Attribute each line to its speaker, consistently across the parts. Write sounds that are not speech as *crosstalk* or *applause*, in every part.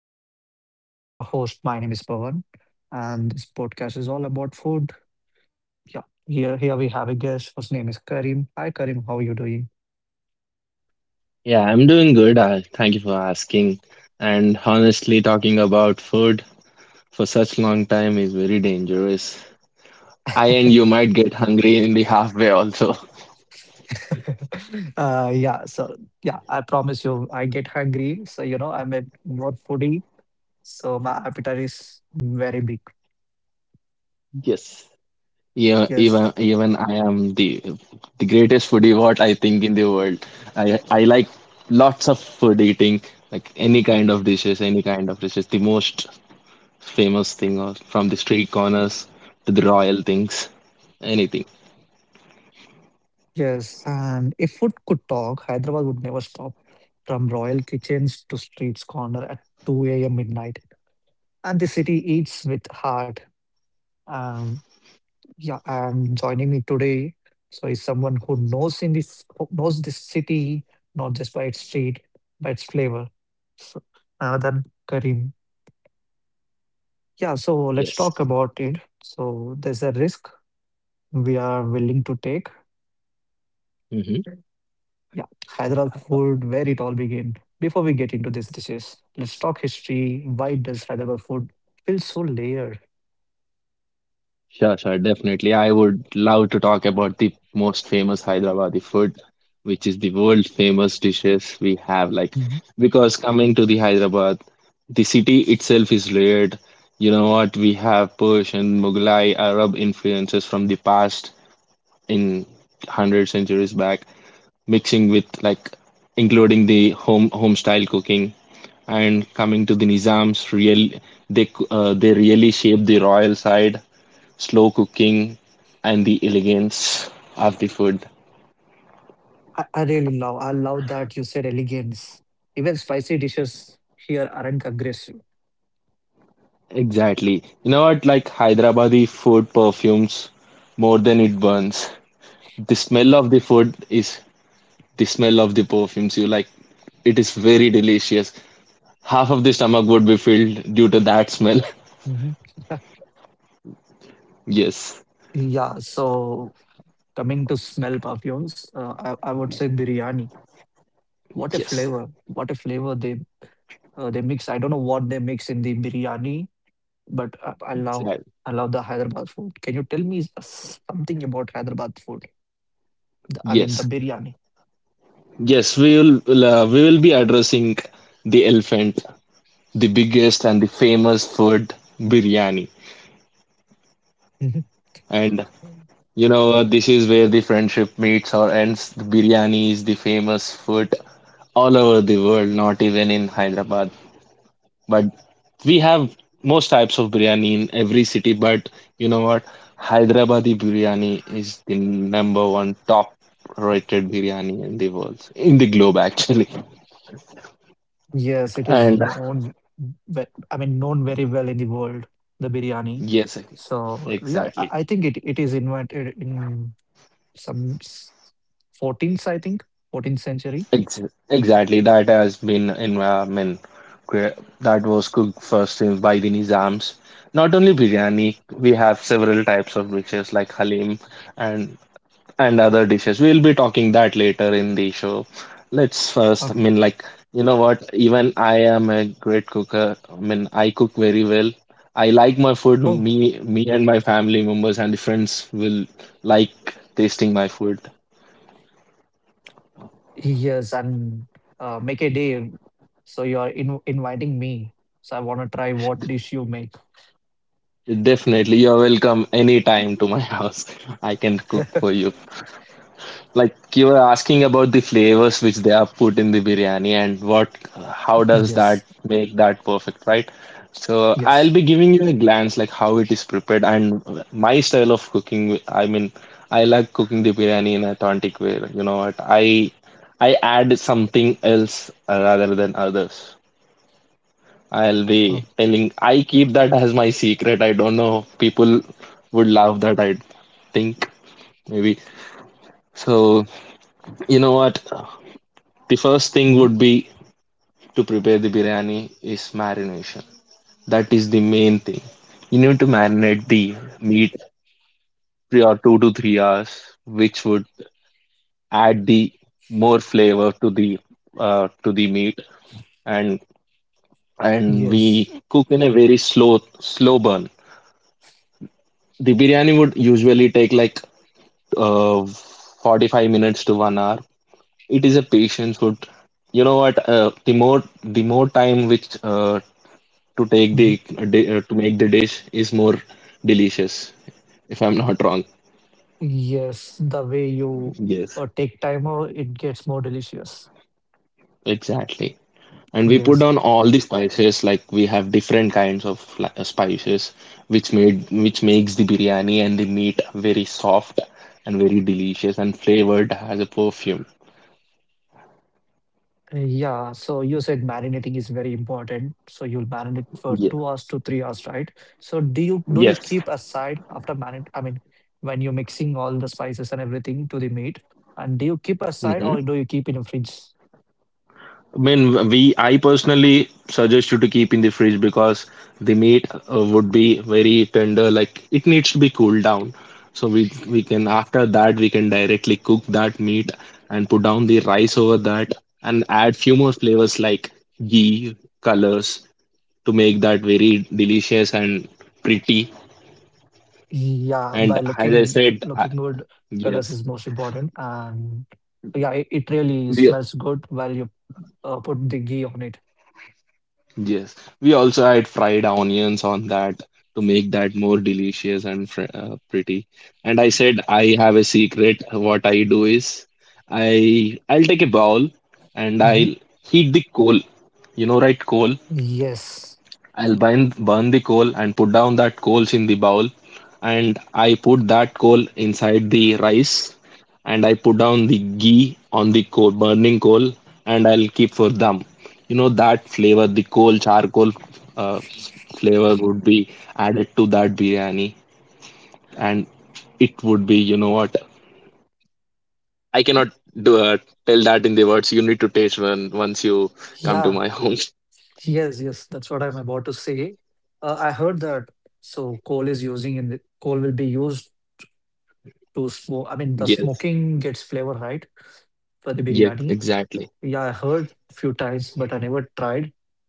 Speaker 1: to my podcast. I'm your host. My name is Pawan, and this podcast is all about food. Yeah, here we have a guest whose name is Karim. Hi, Karim. How are you doing?
Speaker 2: Yeah, I'm doing good. Thank you for asking. And honestly, talking about food for such long time is very dangerous. I and you might get hungry in the halfway also. *laughs*
Speaker 1: *laughs* Yeah. So yeah, I promise you, I get hungry. So I'm a more foodie. So my appetite is very big.
Speaker 2: Yes. Yeah, even
Speaker 1: Yes.
Speaker 2: even I am the greatest foodie what I think in the world. I like lots of food eating, like any kind of dishes, any kind of dishes. The most famous thing or from the street corners to the royal things, anything.
Speaker 1: Yes, and if food could talk, Hyderabad would never stop. From royal kitchens to streets corner at 2 a.m. midnight. And the city eats with heart. Um, yeah, and joining me today, so is someone who knows this city not just by its street, by its flavor. So, then Karim. Yeah, so
Speaker 2: Yes.
Speaker 1: let's talk about it. So there's a risk we are willing to take.
Speaker 2: Mm-hmm.
Speaker 1: Yeah, Hyderabad food, where it all began. Before we get into these dishes, let's talk history. Why does Hyderabad food feel so layered?
Speaker 2: Sure, sure, definitely. I would love to talk about the most famous Hyderabadi food, which is the world famous dishes we have. Like,
Speaker 1: Mhm.
Speaker 2: because coming to the Hyderabad, the city itself is layered. You know what? We have Persian, Mughlai, Arab influences from the past in 100 centuries back, mixing with, like, including the home style cooking and coming to the Nizams, real they really shaped the royal side, slow cooking, and the elegance of the food.
Speaker 1: I love that you said elegance. Even spicy dishes here aren't aggressive.
Speaker 2: Exactly. You know what? Like Hyderabadi food perfumes more than it burns. The smell of the food is the smell of the perfumes. You, like, it is very delicious. Half of the stomach would be filled due to that smell.
Speaker 1: Mhm. *laughs*
Speaker 2: *laughs* Yes,
Speaker 1: Yeah, so coming to smell perfumes, I would say biryani. What a
Speaker 2: yes,
Speaker 1: flavor! What a flavor they mix. I don't know what they mix in the biryani. But I
Speaker 2: exactly.
Speaker 1: love I love the Hyderabad food. Can you tell me something about Hyderabad food? I mean, the
Speaker 2: Yes,
Speaker 1: biryani.
Speaker 2: yes. We will be addressing the elephant, the biggest and the famous food, biryani.
Speaker 1: *laughs*
Speaker 2: And this is where the friendship meets or ends. The biryani is the famous food all over the world, not even in Hyderabad. But we have most types of biryani in every city. But you know what? Hyderabadi biryani is the number one top rated biryani in the world, in the globe actually.
Speaker 1: Yes, it is
Speaker 2: And
Speaker 1: known. I mean, known very well in the world, the biryani.
Speaker 2: yes,
Speaker 1: So yeah, I
Speaker 2: exactly.
Speaker 1: I think it is invented in some s- 14th, I think, 14th century.
Speaker 2: Ex exactly. That has been in, I mean, that was cooked first by the Nizams. Not only biryani, we have several types of dishes like halim and other dishes. We'll be talking that later in the show. Let's first, I
Speaker 1: Okay.
Speaker 2: mean, like, you know what? Even I am a great cooker. I mean, I cook very well. I like my food.
Speaker 1: Oh,
Speaker 2: Me and my family members and friends will like tasting my food.
Speaker 1: yes, and make a day. So you are in inviting me. So I want to try what dish you make.
Speaker 2: Definitely, you're welcome anytime to my *laughs* house. I can cook for you. Like you were asking about the flavors which they are put in the biryani and how does
Speaker 1: Yes,
Speaker 2: that make that perfect, right? So I'll
Speaker 1: yes.
Speaker 2: be giving you a glance like how it is prepared, and my style of cooking. I mean, I like cooking the biryani in authentic way. You know what? I add something else rather than others. I'll be telling. I keep that as my secret. I don't know. People would laugh that I think maybe. So, you know what? The first thing would
Speaker 1: Mhm.
Speaker 2: be to prepare the biryani is marination. That is the main thing. You need to marinate the meat three or two to three hours, which would add the more flavor to the meat, and we
Speaker 1: Yes.
Speaker 2: cook in a very slow slow burn. The biryani would usually take like 45 minutes to 1 hour. It is a patience would, you know what, the more time which, to take the,
Speaker 1: Mhm.
Speaker 2: to make the dish is more delicious, if I'm not wrong.
Speaker 1: Yes, the way you
Speaker 2: Yes,
Speaker 1: take time out, it gets more delicious.
Speaker 2: exactly. And we put down
Speaker 1: Yes.
Speaker 2: all the spices, like we have different kinds of, like, spices which makes the biryani and the meat very soft and very delicious and flavored as a perfume.
Speaker 1: Yeah. So you said marinating is very important. So you'll marinate
Speaker 2: Yeah.
Speaker 1: for 2 hours to 3 hours, right? So do you do
Speaker 2: Yes.
Speaker 1: you keep aside after marinate? I mean, when you're mixing all the spices and everything to the meat, and do you keep aside or do you keep in a fridge?
Speaker 2: I mean, we I personally suggest you to keep in the fridge because the meat, would be very tender. Like it needs to be cooled down, so, we can after that, we can directly cook that meat and put down the rice over that and add few more flavors like ghee, colors, to make that very delicious and pretty. And
Speaker 1: Yeah, by
Speaker 2: as I said,
Speaker 1: looking
Speaker 2: I,
Speaker 1: looking good,
Speaker 2: yes,
Speaker 1: colors is most important, and yeah, it
Speaker 2: we
Speaker 1: really smells good while you put the ghee on it.
Speaker 2: yes, we also add fried onions on that to make that more delicious and fr pretty. And I said I have a secret. What I do is, I'll take a bowl and I'll
Speaker 1: Mhm.
Speaker 2: heat the coal. You know, right? Coal.
Speaker 1: Yes.
Speaker 2: I'll burn the coal and put down that coals in the bowl. And I put that coal inside the rice, and I put down the ghee on the coal, burning coal, and I'll keep for them. You know, that flavor, the coal, charcoal, uh, flavor would be added to that biryani, and it would be, you know what? I cannot do, uh, tell that in the words. You need to taste when, once you come to my
Speaker 1: Yeah.
Speaker 2: home. *laughs*
Speaker 1: Yes. Yes. That's what I'm about to say. I heard that. So coal is using in the coal will be used to smoke. I mean, the
Speaker 2: Yes,
Speaker 1: smoking gets flavor right for the
Speaker 2: yes,
Speaker 1: biryani.
Speaker 2: exactly.
Speaker 1: Yeah, I heard a few times, but I never tried.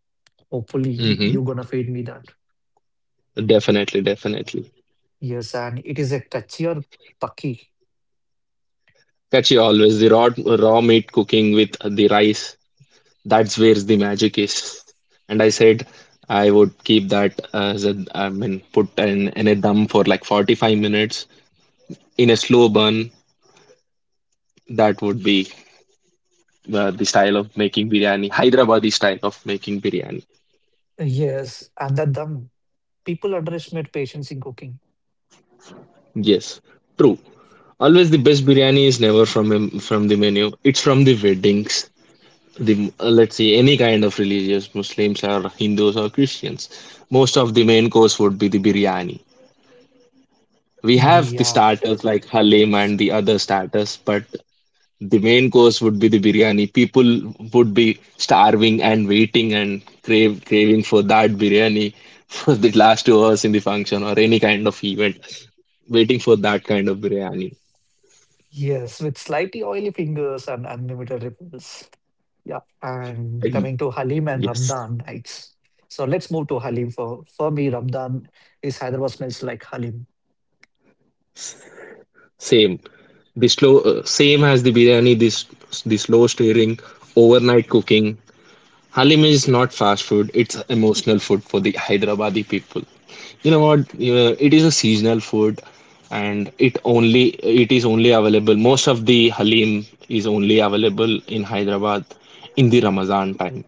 Speaker 1: Hopefully,
Speaker 2: Mhm.
Speaker 1: you're gonna feed me that.
Speaker 2: Definitely, definitely.
Speaker 1: Yes, and it is a kachi or paki.
Speaker 2: Catchy always the raw raw meat cooking with the rice. That's where the magic is. And I said I would keep that as I mean, put in a dum for like 45 minutes in a slow burn. That would be, the style of making biryani, Hyderabadi style of making biryani.
Speaker 1: Yes, and that dum. People underestimate patience in cooking.
Speaker 2: Yes, true. Always the best biryani is never from from the menu. It's from the weddings, the, let's say, any kind of religious, Muslims or Hindus or Christians, most of the main course would be the biryani. We have the
Speaker 1: Yeah.
Speaker 2: starters like halim and the other starters, but the main course would be the biryani. People would be starving and waiting and crave craving for that biryani for the last 2 hours in the function or any kind of event, waiting for that kind of biryani.
Speaker 1: Yes, with slightly oily fingers and unlimited ripples. Yeah, and
Speaker 2: And
Speaker 1: coming to Halim and
Speaker 2: yes.
Speaker 1: Ramadan nights. So let's move to Halim. For me, Ramadan is Hyderabad, smells like Halim.
Speaker 2: Same. The slow, same as the biryani. This, the slow stirring, overnight cooking. Halim is not fast food. It's emotional food for the Hyderabadi people. You know what? It is a seasonal food, and it is only available. Most of the halim is only available in Hyderabad in the Ramadan time,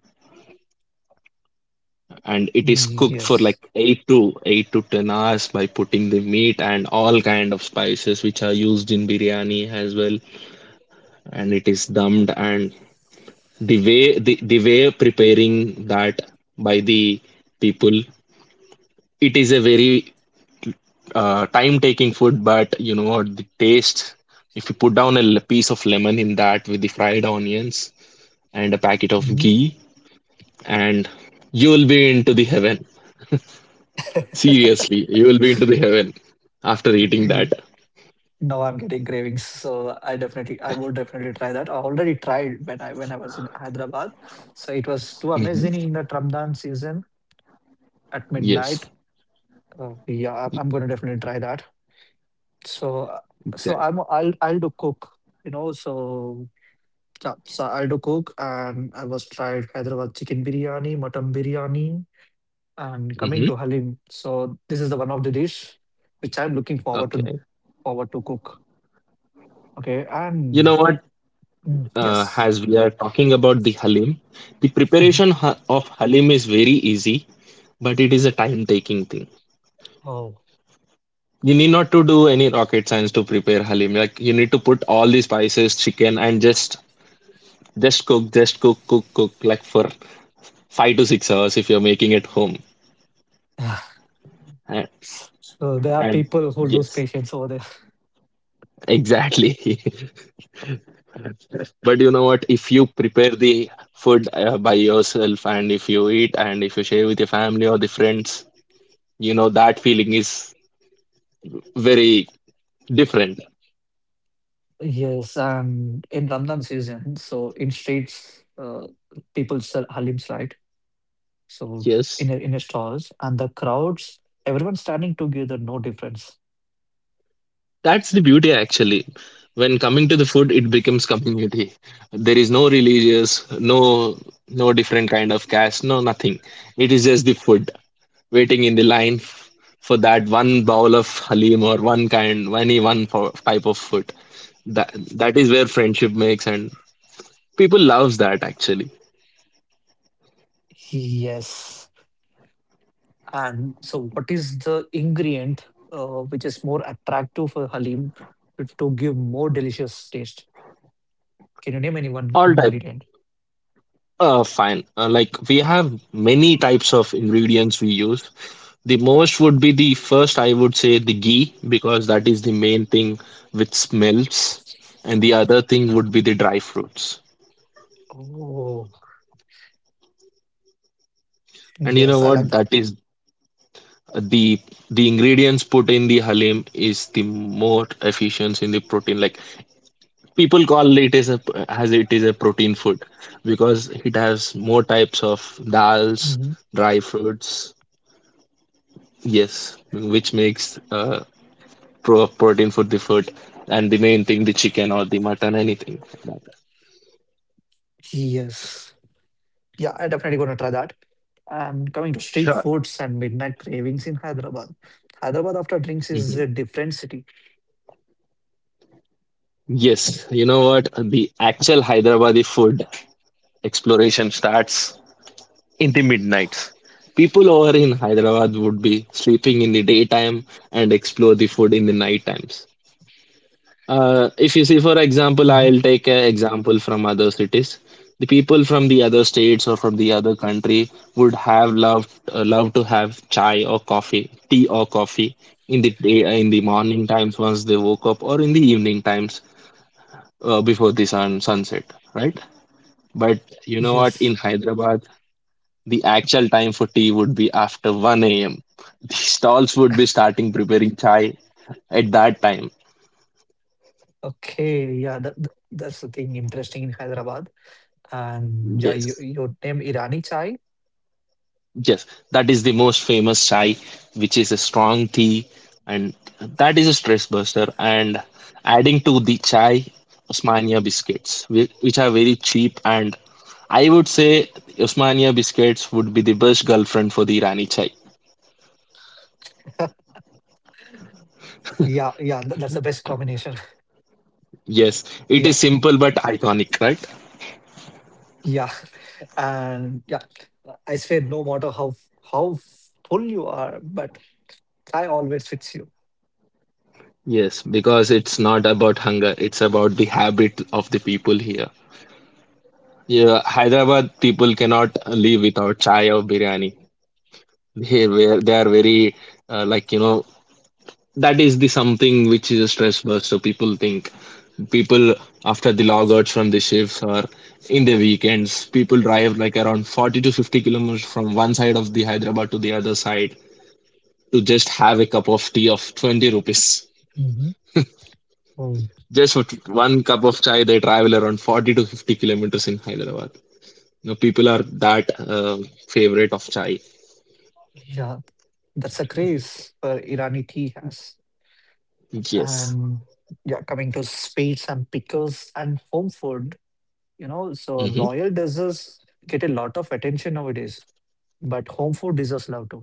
Speaker 2: and it is cooked for like
Speaker 1: Yes.
Speaker 2: 8 to 8 to 10 hours by putting the meat and all kind of spices which are used in biryani as well. And it is dumbed, and the way, the way preparing that by the people, it is a very, time taking food, but you know what, the taste, if you put down a piece of lemon in that with the fried onions and a packet of
Speaker 1: Mhm.
Speaker 2: ghee, and you will be into the heaven, seriously, you will be into the heaven after eating
Speaker 1: Eh,
Speaker 2: that.
Speaker 1: Now I'm getting cravings, so I would definitely try that. I already tried when I was in Hyderabad, so it was too amazing
Speaker 2: Hmm.
Speaker 1: in the Ramadan season at midnight.
Speaker 2: Yes,
Speaker 1: Yeah, I'm going to definitely try that. So
Speaker 2: exactly.
Speaker 1: I'll do cook. So yeah, so I do cook and I was tried Hyderabad chicken biryani, mutton biryani, and coming
Speaker 2: Hmm.
Speaker 1: to Halim. So this is the one of the dish which I'm looking forward
Speaker 2: Okay.
Speaker 1: to forward to cook. Okay,
Speaker 2: You know
Speaker 1: and
Speaker 2: what,
Speaker 1: mm,
Speaker 2: as
Speaker 1: yes.
Speaker 2: we are talking about the halim, the preparation
Speaker 1: Mhm.
Speaker 2: of halim is very easy, but it is a time taking thing.
Speaker 1: Oh.
Speaker 2: You need not to do any rocket science to prepare halim. Like, you need to put all the spices, chicken, and just cook, cook, cook, like for 5 to 6 hours if you're making at home.
Speaker 1: *sighs*
Speaker 2: And,
Speaker 1: So there
Speaker 2: and
Speaker 1: are people who
Speaker 2: yes,
Speaker 1: lose patience over there.
Speaker 2: exactly. *laughs* But you know what? If you prepare the food, by yourself, and if you eat, and if you share with your family or the friends, you know that feeling is very different.
Speaker 1: Yes, and in Ramadan season, so in streets, people sell halims, right? So
Speaker 2: Yes,
Speaker 1: in a stalls and the crowds, everyone standing together, no difference.
Speaker 2: that's the beauty actually. When coming to the food, it becomes community. There is no religious, no, no different kind of caste, no, nothing. It is just the food, waiting in the line for that one bowl of halim, or one kind, any one type of food. That is where friendship makes, and people loves that actually.
Speaker 1: Yes. And so what is the ingredient which is more attractive for Halim to give more delicious taste? Can you name any
Speaker 2: All
Speaker 1: one
Speaker 2: type.
Speaker 1: ingredient?
Speaker 2: Fine. Like we have many types of ingredients we use. The most would be, the first, I would say, the ghee, because that is the main thing which smells. And the other thing would be the dry fruits.
Speaker 1: Oh,
Speaker 2: And you know
Speaker 1: yes,
Speaker 2: what?
Speaker 1: I like
Speaker 2: That
Speaker 1: that.
Speaker 2: is the ingredients put in the halim is the more efficient in the protein. Like, people call it as a as it is a protein food, because it has more types of dals,
Speaker 1: Mhm.
Speaker 2: dry fruits. Yes, which makes, protein for the food, and the main thing, the chicken or the mutton, anything like that.
Speaker 1: Yes. Yeah, I definitely gonna try that. And coming to
Speaker 2: Sure.
Speaker 1: street foods and midnight cravings in Hyderabad. Hyderabad after drinks
Speaker 2: Mhm.
Speaker 1: is a different city.
Speaker 2: Yes, you know what? The actual Hyderabadi food exploration starts in the midnight. People over in Hyderabad would be sleeping in the daytime and explore the food in the night times. If you see, for example, I'll
Speaker 1: Mhm.
Speaker 2: take an example from other cities. The people from the other states or from the other country would have love to have chai or coffee, tea or coffee in in the morning times once they woke up, or in the evening times, before the sunset, right? But you know what?
Speaker 1: Yes.
Speaker 2: In Hyderabad, the actual time for tea would be after 1 a.m. *laughs* The stalls would be starting preparing chai at that time.
Speaker 1: Okay. Yeah, that's the thing interesting in Hyderabad. And yeah, you,
Speaker 2: Yes.
Speaker 1: you name Irani chai.
Speaker 2: Yes, that is the most famous chai, which is a strong tea, and that is a stress buster. And adding to the chai, Osmania biscuits, which are very cheap. And I would say Osmania biscuits would be the best girlfriend for the Rani chai.
Speaker 1: Yeah, yeah, that's the best combination. *laughs*
Speaker 2: Yes, it
Speaker 1: Yeah,
Speaker 2: is simple but iconic, right?
Speaker 1: yeah, and yeah, I say no matter how how full you are, but I always fix you.
Speaker 2: Yes, because it's not about hunger, it's about the habit of the people here. Yeah, Hyderabad people cannot live without chai or biryani. Here where they are very uh, like you know that is the something which is a stress burst, so people think, people, after the logouts from the shifts or in the weekends, people drive like around 40 to 50 kilometers from one side of the Hyderabad to the other side to just have a cup of tea of 20 rupees.
Speaker 1: Hmm. Oh,
Speaker 2: Just for one cup of chai they travel around 40 to 50 kilometers in Hyderabad. You know, people are that favorite of chai.
Speaker 1: yeah, that's a craze Irani tea has.
Speaker 2: Yes,
Speaker 1: Um, yeah, coming to sweets and pickles and home food, so royal desserts get a lot of attention nowadays, but home food deserves love too.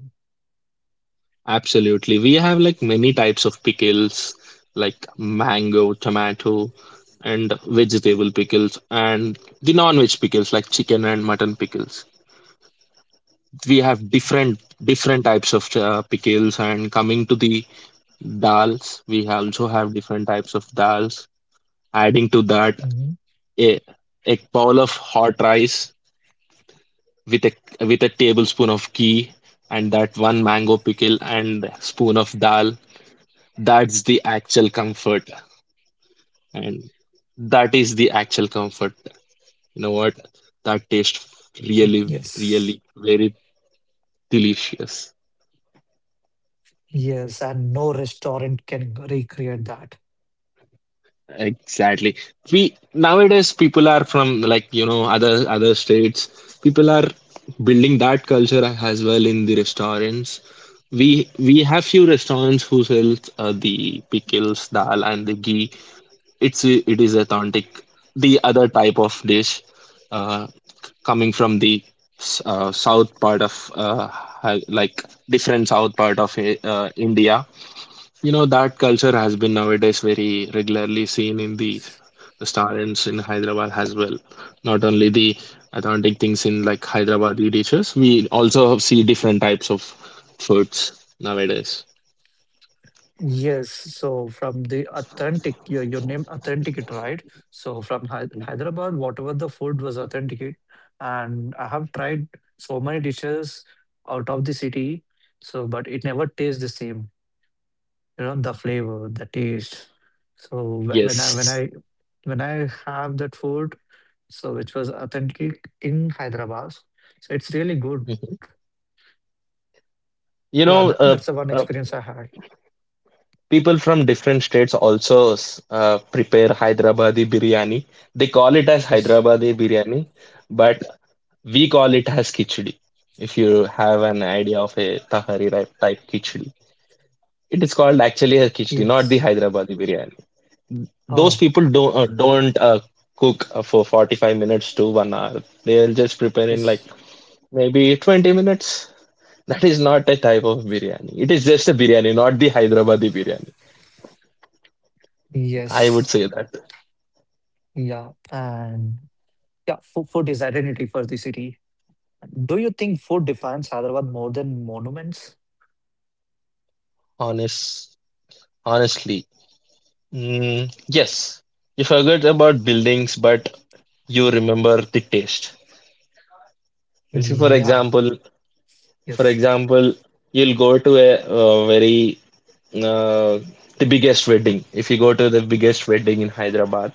Speaker 2: absolutely. We have like many types of pickles, like mango, tomato, and vegetable pickles, and the non-veg pickles like chicken and mutton pickles. We have different different types of pickles, and coming to the dals, we also have different types of dals. Adding to that,
Speaker 1: Mhm.
Speaker 2: a a bowl of hot rice with a tablespoon of ghee and that one mango pickle and spoon of dal. That's the actual comfort. And that is the actual comfort, you know what, that tastes really
Speaker 1: Yes,
Speaker 2: really very delicious.
Speaker 1: yes, and no restaurant can recreate that.
Speaker 2: Exactly. We nowadays, people are from like other other states, people are building that culture as well in the restaurants. We have few restaurants who sells the pickles, dal and the ghee. It is authentic. The other type of dish, uh, coming from the south part of different south part of India. You know, that culture has been nowadays very regularly seen in the restaurants in Hyderabad as well. Not only the authentic things in like Hyderabadi dishes, we also see different types of foods nowadays.
Speaker 1: Yes, so from the authentic, your name authentic it, right? So from Hyderabad, whatever the food was authentic, and I have tried so many dishes out of the city, so but it never tastes the same. You know, the flavor, the taste. So
Speaker 2: Yes.
Speaker 1: when I have that food, so which was authentic in Hyderabad, so it's really good.
Speaker 2: Mhm. you
Speaker 1: Yeah,
Speaker 2: know
Speaker 1: that's
Speaker 2: uh,
Speaker 1: the one
Speaker 2: uh,
Speaker 1: experience I had.
Speaker 2: People from different states also prepare Hyderabadi biryani. They call it as
Speaker 1: Yes,
Speaker 2: Hyderabadi biryani, but we call it as khichdi. If you have an idea of a Tahari type khichdi, it is called actually a khichdi, not the
Speaker 1: yes.
Speaker 2: Hyderabadi biryani. Those
Speaker 1: Oh,
Speaker 2: people don't cook for 45 minutes to 1 hour. They'll just prepare in like
Speaker 1: yes,
Speaker 2: maybe 20 minutes. That is not a type of biryani. It is just a biryani, not the Hyderabadi biryani. I would
Speaker 1: yes.
Speaker 2: say that
Speaker 1: Yeah, and yeah, food is identity for the city. Do you think food defines Hyderabad more than monuments?
Speaker 2: honest. Honestly, yes, you forget about buildings, but you remember the taste. Let's say,
Speaker 1: Yeah,
Speaker 2: for
Speaker 1: yes.
Speaker 2: example, you'll go to a, very uh, the biggest wedding. If you go to the biggest wedding in Hyderabad,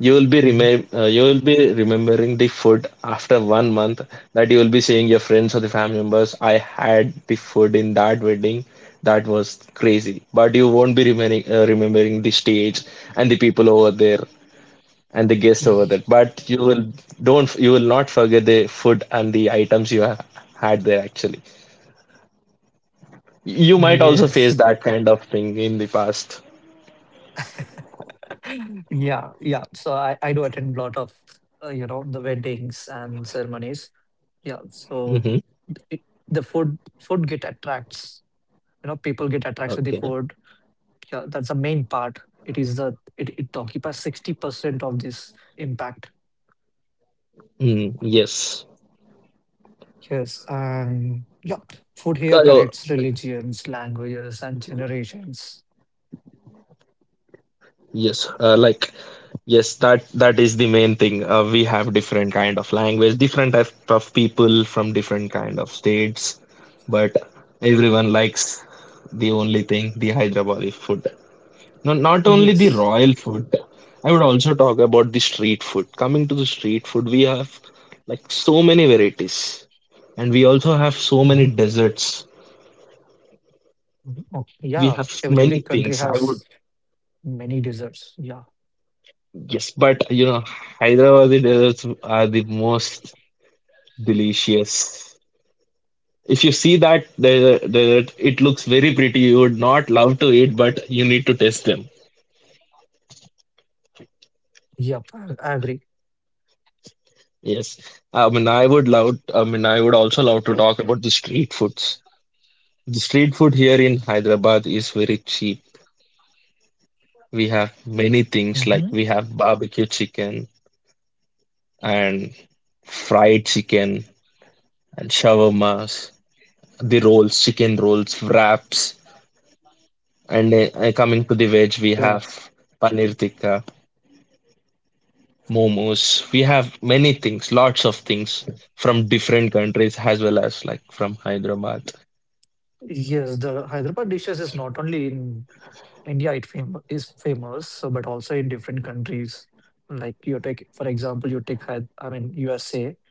Speaker 2: you will be
Speaker 1: Mhm.
Speaker 2: you will be remembering the food after 1 month, that you will be saying your friends or the family members, I had the food in that wedding, that was crazy. But you won't be remembering the stage and the people over there and the guests over there, but you will don't you will not forget the food and the items you have had there actually. You might also face
Speaker 1: Yes.
Speaker 2: that kind of thing in the past.
Speaker 1: *laughs* Yeah, yeah. So I do attend a lot of, the weddings and ceremonies. Yeah,
Speaker 2: Hmm.
Speaker 1: so it, the food get attracts, people get attracts with the
Speaker 2: Okay.
Speaker 1: food. Yeah, that's the main part. It is it occupies 60% of this impact.
Speaker 2: Mm, yes.
Speaker 1: Yes, and yeah, food here
Speaker 2: Uh,
Speaker 1: connects religions, languages, and generations.
Speaker 2: Yes, yes, that that is the main thing. We have different kind of language, different type of people from different kind of states, but everyone likes the only thing, the Hyderabadi food. No, not only the
Speaker 1: Yes.
Speaker 2: royal food. I would also talk about the street food. Coming to the street food, we have like so many varieties, and we also have so
Speaker 1: Hmm.
Speaker 2: many desserts.
Speaker 1: Okay. Yeah,
Speaker 2: We have
Speaker 1: every
Speaker 2: many
Speaker 1: country
Speaker 2: things. I
Speaker 1: has
Speaker 2: would,
Speaker 1: many desserts. Yeah.
Speaker 2: yes, but you know, Hyderabadi desserts are the most delicious. If you see that, there, it looks very pretty. You would not love to eat, but you need to taste them.
Speaker 1: Yep. I agree.
Speaker 2: Yes. I would love, I mean, I would also love to talk about the street foods. The street food here in Hyderabad is very cheap. We have many things, like
Speaker 1: Hmm.
Speaker 2: we have barbecue chicken and fried chicken and shawarmas, the rolls, chicken rolls, wraps. And coming to the veg, we
Speaker 1: Yeah.
Speaker 2: have paneer tikka, momos. We have many things, lots of things from different countries as well as like from Hyderabad.
Speaker 1: Yes, the Hyderabad dishes is not only in India. It is famous, so but also in different countries. Like you take, for example, you take I mean, USA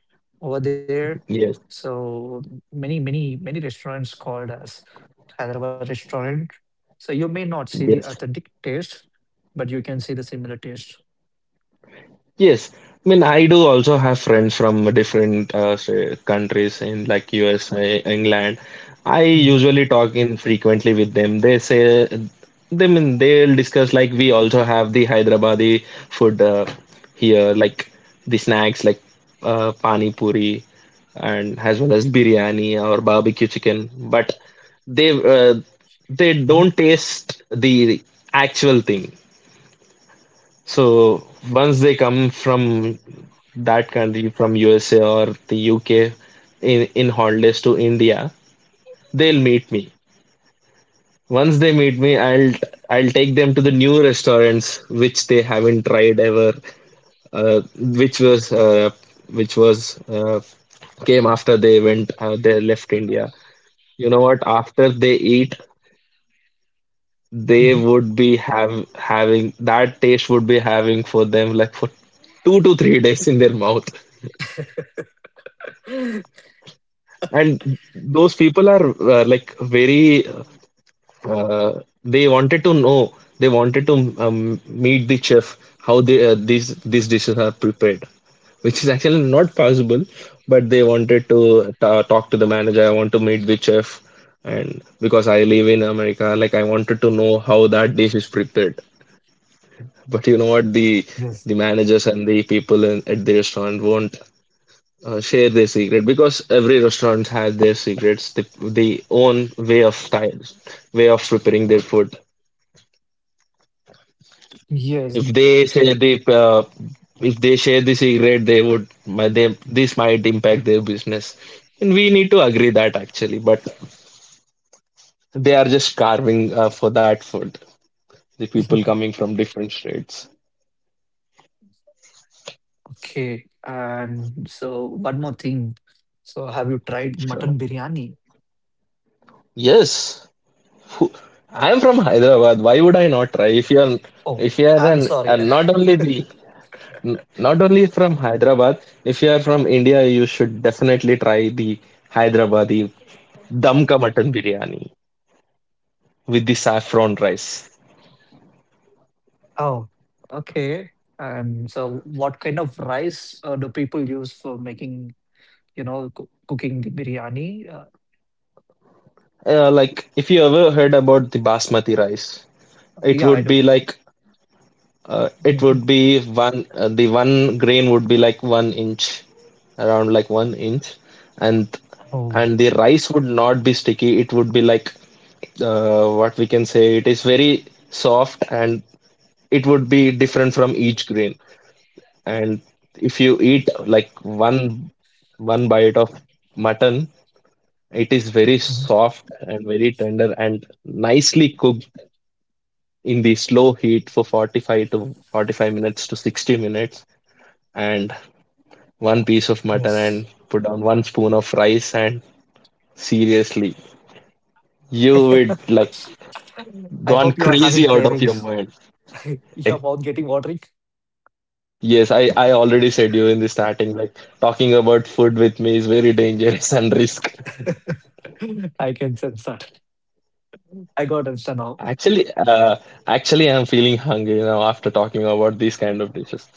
Speaker 1: over there.
Speaker 2: Yes,
Speaker 1: So many restaurants called as Hyderabad restaurant. So you may not see the
Speaker 2: yes.
Speaker 1: authentic taste, but you can see the similar taste.
Speaker 2: Yes, I mean, I do also have friends from different say, countries in like USA, England. I
Speaker 1: Mhm,
Speaker 2: usually talk in frequently with them. They say, they mean they'll discuss like, we also have the Hyderabadi food here, like the snacks like pani puri and as well as biryani or barbecue chicken. But they uh, they
Speaker 1: mhm,
Speaker 2: don't taste the actual thing. So once they come from that country, from USA or the UK in holidays to India, they'll meet me. Once they meet me, I'll take them to the new restaurants which they haven't tried ever, uh, which was uh, which was came after they left India. You know what? After they eat, they
Speaker 1: mhm.
Speaker 2: would be have having that taste, would be having for them like for 2 to 3 days in their mouth. And those people are like very uh, they wanted to know, they wanted to meet the chef, how they these dishes are prepared, which is actually not possible, but they wanted to ta talk to the manager, I want to meet the chef, and because I live in America, like I wanted to know how that dish is prepared. But you know what? The
Speaker 1: Yes.
Speaker 2: managers and the people in, at the restaurant won't share their secret, because every restaurant has their secrets, the own way of style, way of preparing their food. If
Speaker 1: Yes.
Speaker 2: they say the if they share the secret, they would they, this might impact their business, and we need to agree that actually. But they are just carving for that food. The people coming from different states.
Speaker 1: Okay. And so one more thing. So have you tried
Speaker 2: Sure.
Speaker 1: mutton biryani?
Speaker 2: Yes, I'm from Hyderabad. Why would I not try?
Speaker 1: Oh,
Speaker 2: If you're
Speaker 1: I'm
Speaker 2: an
Speaker 1: sorry.
Speaker 2: and not only the not only from Hyderabad, if you are from India, you should definitely try the Hyderabadi damka mutton biryani with the saffron rice.
Speaker 1: Oh, okay. And so what kind of rice do people use for making, cooking the biryani? Uh,
Speaker 2: Like if you ever heard about the basmati rice, it
Speaker 1: yeah, I
Speaker 2: would
Speaker 1: do.
Speaker 2: be like, it
Speaker 1: Mhm.
Speaker 2: would be one, the one grain would be like one inch, around like one inch, and
Speaker 1: Oh,
Speaker 2: the rice would not be sticky. It would be like, what we can say, it is very soft, and it would be different from each grain. And if you eat like one bite of mutton, it is very
Speaker 1: mhm.
Speaker 2: soft and very tender and nicely cooked in the slow heat for 45 to 45 minutes to 60 minutes. And one piece of mutton and
Speaker 1: Yes.
Speaker 2: put down one spoon of rice and, seriously, you would like
Speaker 1: I
Speaker 2: gone
Speaker 1: hope you are
Speaker 2: crazy
Speaker 1: having
Speaker 2: out of your
Speaker 1: cravings.
Speaker 2: mind.
Speaker 1: *laughs* Your mouth
Speaker 2: Except I
Speaker 1: getting watering.
Speaker 2: said you, yes, I already said you in the starting, like talking about food with me is very dangerous *laughs* and risk.
Speaker 1: *laughs* I can sense that. I got answer now.
Speaker 2: Actually I'm feeling hungry now after talking about these kind of dishes.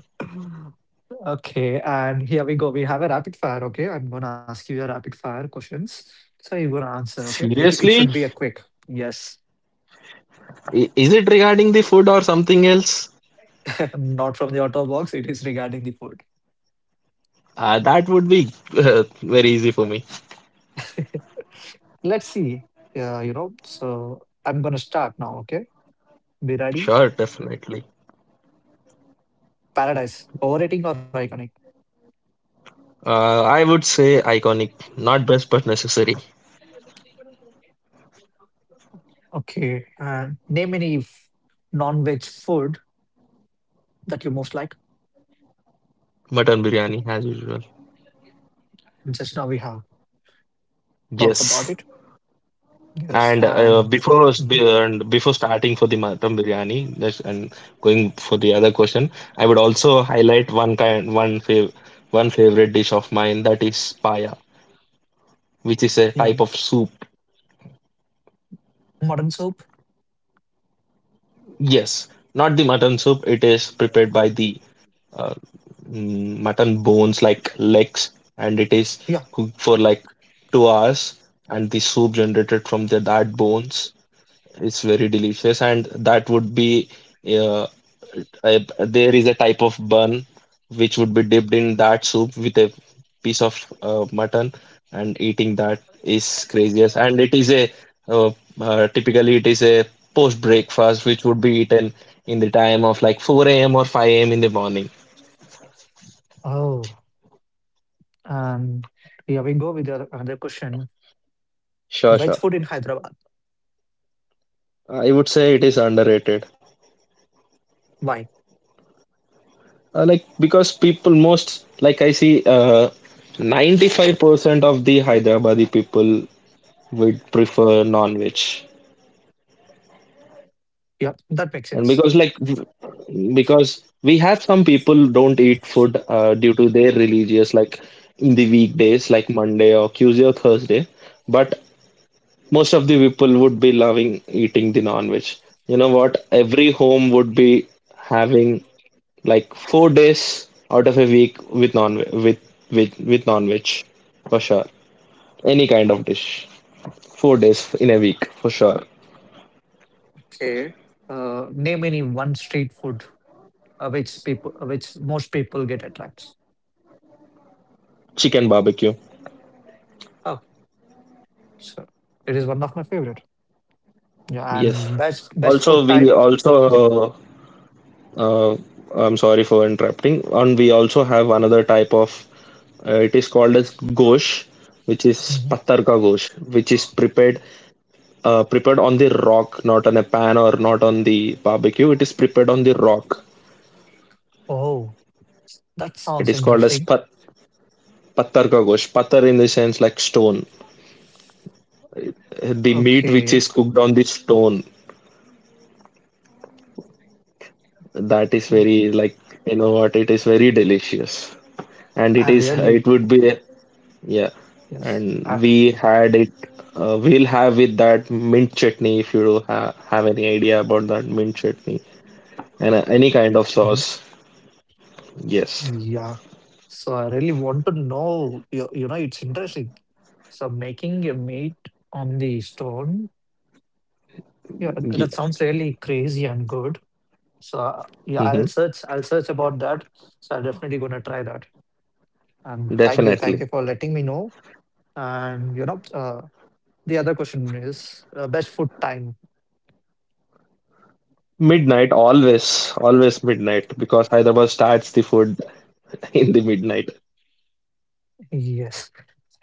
Speaker 1: *laughs* Okay, and here we go. We have a rapid fire. Okay, I'm gonna ask you a rapid fire questions. So you're gonna answer. Okay, it
Speaker 2: Seriously,
Speaker 1: should be a quick. Yes.
Speaker 2: I- is it regarding the food or something else?
Speaker 1: Not from the auto box, it is regarding the food.
Speaker 2: That would be very easy for me.
Speaker 1: *laughs* Let's see. Yeah, so I'm gonna start now, okay? Be ready?
Speaker 2: Sure, definitely.
Speaker 1: Paradise, overrating or iconic?
Speaker 2: I would say iconic, not best but necessary.
Speaker 1: Okay, and name any non-veg food that you most like.
Speaker 2: Mutton biryani as usual.
Speaker 1: Just now we have talked about
Speaker 2: Yes.
Speaker 1: it. Yes,
Speaker 2: And
Speaker 1: and mhm,
Speaker 2: before starting for the mutton biryani, that's, and going for the other question, I would also highlight one kind, one fav, one favorite dish of mine, that is paya, which is a type
Speaker 1: even
Speaker 2: of soup.
Speaker 1: modern soup.
Speaker 2: Yes, not the mutton soup. It is prepared by the uh, mutton bones, like legs, and it is
Speaker 1: Yeah.
Speaker 2: cooked for like 2 hours, and the soup generated from the that bones is very delicious, and that would be, uh, there is a type of bun which would be dipped in that soup with a piece of mutton, and eating that is craziest, and it is a, uh, typically it is a post breakfast which would be eaten in the time of like 4 a.m. or 5 a.m. in the morning.
Speaker 1: Oh, and yeah, we go with the another question.
Speaker 2: Sure,
Speaker 1: Veg
Speaker 2: sure.
Speaker 1: food in Hyderabad.
Speaker 2: I would say it is underrated.
Speaker 1: Why?
Speaker 2: Like because people most like I see 95% of the Hyderabadi people would prefer non-veg.
Speaker 1: Yeah, that makes
Speaker 2: And
Speaker 1: sense.
Speaker 2: because like because we have some people don't eat food due to their religious, like in the weekdays like Monday or Tuesday or Thursday. But most of the people would be loving eating the non-veg. You know what? Every home would be having like 4 days out of a week with non with with non-veg for sure. Any kind of dish, 4 days in a week for sure.
Speaker 1: Okay. Name any one street food which most people get attracts.
Speaker 2: Chicken barbecue,
Speaker 1: Oh, so it is one of my favorite. Yeah,
Speaker 2: yes.
Speaker 1: and best
Speaker 2: Also,
Speaker 1: food
Speaker 2: we
Speaker 1: type. Yeah.
Speaker 2: also uh, I'm sorry for interrupting. And we also have another type of, it is called as gosh, which is
Speaker 1: Mhm.
Speaker 2: patar ka gosh, which is prepared, prepared on the rock, not on a pan or not on the barbecue. It is prepared on the rock.
Speaker 1: Oh, that
Speaker 2: It
Speaker 1: sounds
Speaker 2: is called as
Speaker 1: interesting.
Speaker 2: pattar ka gosh. Pattar in the sense like stone. The meat which
Speaker 1: Okay,
Speaker 2: is cooked on the stone. That is very like, you know what, it is very delicious, and it
Speaker 1: I
Speaker 2: is it
Speaker 1: really,
Speaker 2: would be, yeah.
Speaker 1: yes. I,
Speaker 2: And we had it. We'll have with that mint chutney if you do have any idea about that mint chutney, and any kind of
Speaker 1: mhm.
Speaker 2: sauce. Yes.
Speaker 1: Yeah. So I really want to know. It's interesting. So making a meat on the stone. Yeah,
Speaker 2: Yeah.
Speaker 1: that sounds really crazy and good. So yeah, I'll
Speaker 2: Hmm.
Speaker 1: search. I'll search about that. So I'm definitely gonna try that. And thank you. Thank
Speaker 2: Definitely.
Speaker 1: you for letting me know. And, the other question is best food time. *laughs*
Speaker 2: Midnight, always, always midnight, because Hyderabad starts the food *laughs* in the midnight.
Speaker 1: Yes.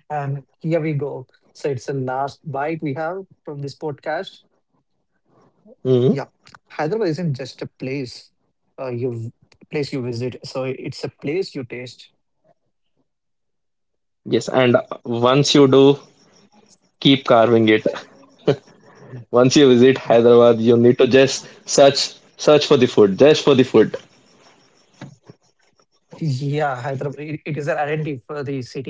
Speaker 1: And here we go. So it's the last bite we have from this podcast. Yeah.
Speaker 2: Hmm.
Speaker 1: Hyderabad isn't just a uh, you place you visit. So it's a place you taste.
Speaker 2: Yes, and once you do, keep carving it. Once you visit Hyderabad, you need to just search, search for the food, just for the food.
Speaker 1: Yeah, Hyderabad. It is an identity for the city.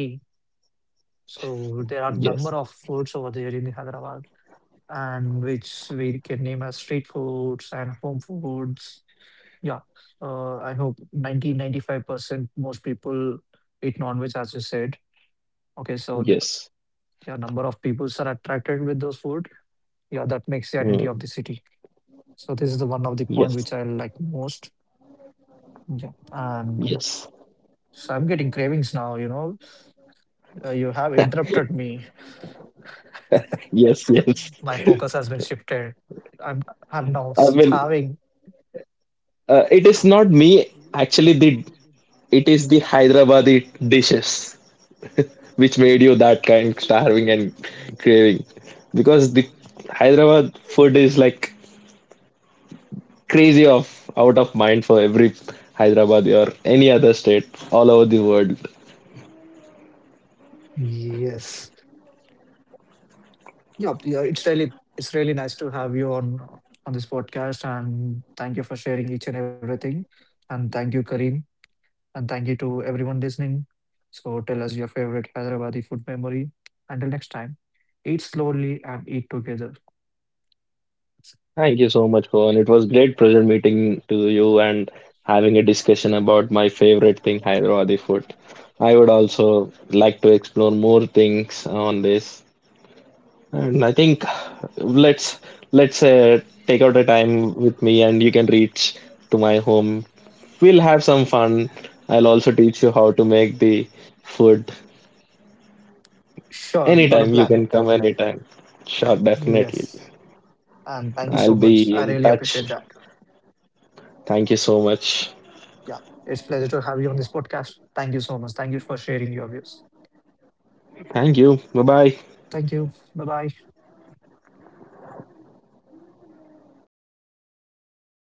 Speaker 1: So there are number of
Speaker 2: Yes,
Speaker 1: foods over there in Hyderabad, and which we can name as street foods and home foods. Yeah, I hope ninety five percent most people eat non-veg, as you said. Okay, so the
Speaker 2: yes,
Speaker 1: yeah, number of people are attracted with those food. Yeah, that makes the identity of the
Speaker 2: mm,
Speaker 1: city. So this is the one of the point which
Speaker 2: yes,
Speaker 1: I like most. Yeah, and
Speaker 2: yes,
Speaker 1: so I'm getting cravings now. You know, you have interrupted me.
Speaker 2: yes, *laughs* yes.
Speaker 1: *laughs* My focus has been shifted. I'm I'm now
Speaker 2: I mean,
Speaker 1: starving.
Speaker 2: it is not me actually. The It is the Hyderabadi dishes, which made you that kind starving and craving, because the Hyderabad food is like crazy of out of mind for every Hyderabad or any other state all over the world.
Speaker 1: Yes. Yeah, yeah, it's really nice to have you on this podcast, and thank you for sharing each and everything, and thank you, Kareem, and thank you to everyone listening. So tell us your favorite Hyderabadi food memory. Until next time, eat slowly and eat together.
Speaker 2: Thank you so much, Pawan. It was great pleasure meeting to you and having a discussion about my favorite thing, Hyderabadi food. I would also like to explore more things on this. And I think let's let's take out the time with me, and you can reach to my home. We'll have some fun. I'll also teach you how to make the food
Speaker 1: Sure, we got a
Speaker 2: anytime. You
Speaker 1: plan.
Speaker 2: can come anytime. Sure, definitely.
Speaker 1: Yes, and thank you so
Speaker 2: I'll
Speaker 1: much.
Speaker 2: be
Speaker 1: I
Speaker 2: in
Speaker 1: really appreciate
Speaker 2: touch.
Speaker 1: that.
Speaker 2: Thank you so much.
Speaker 1: Yeah, it's pleasure to have you on this podcast. Thank you so much. Thank you for sharing your views.
Speaker 2: Thank you. Bye bye.
Speaker 1: Thank you. Bye bye.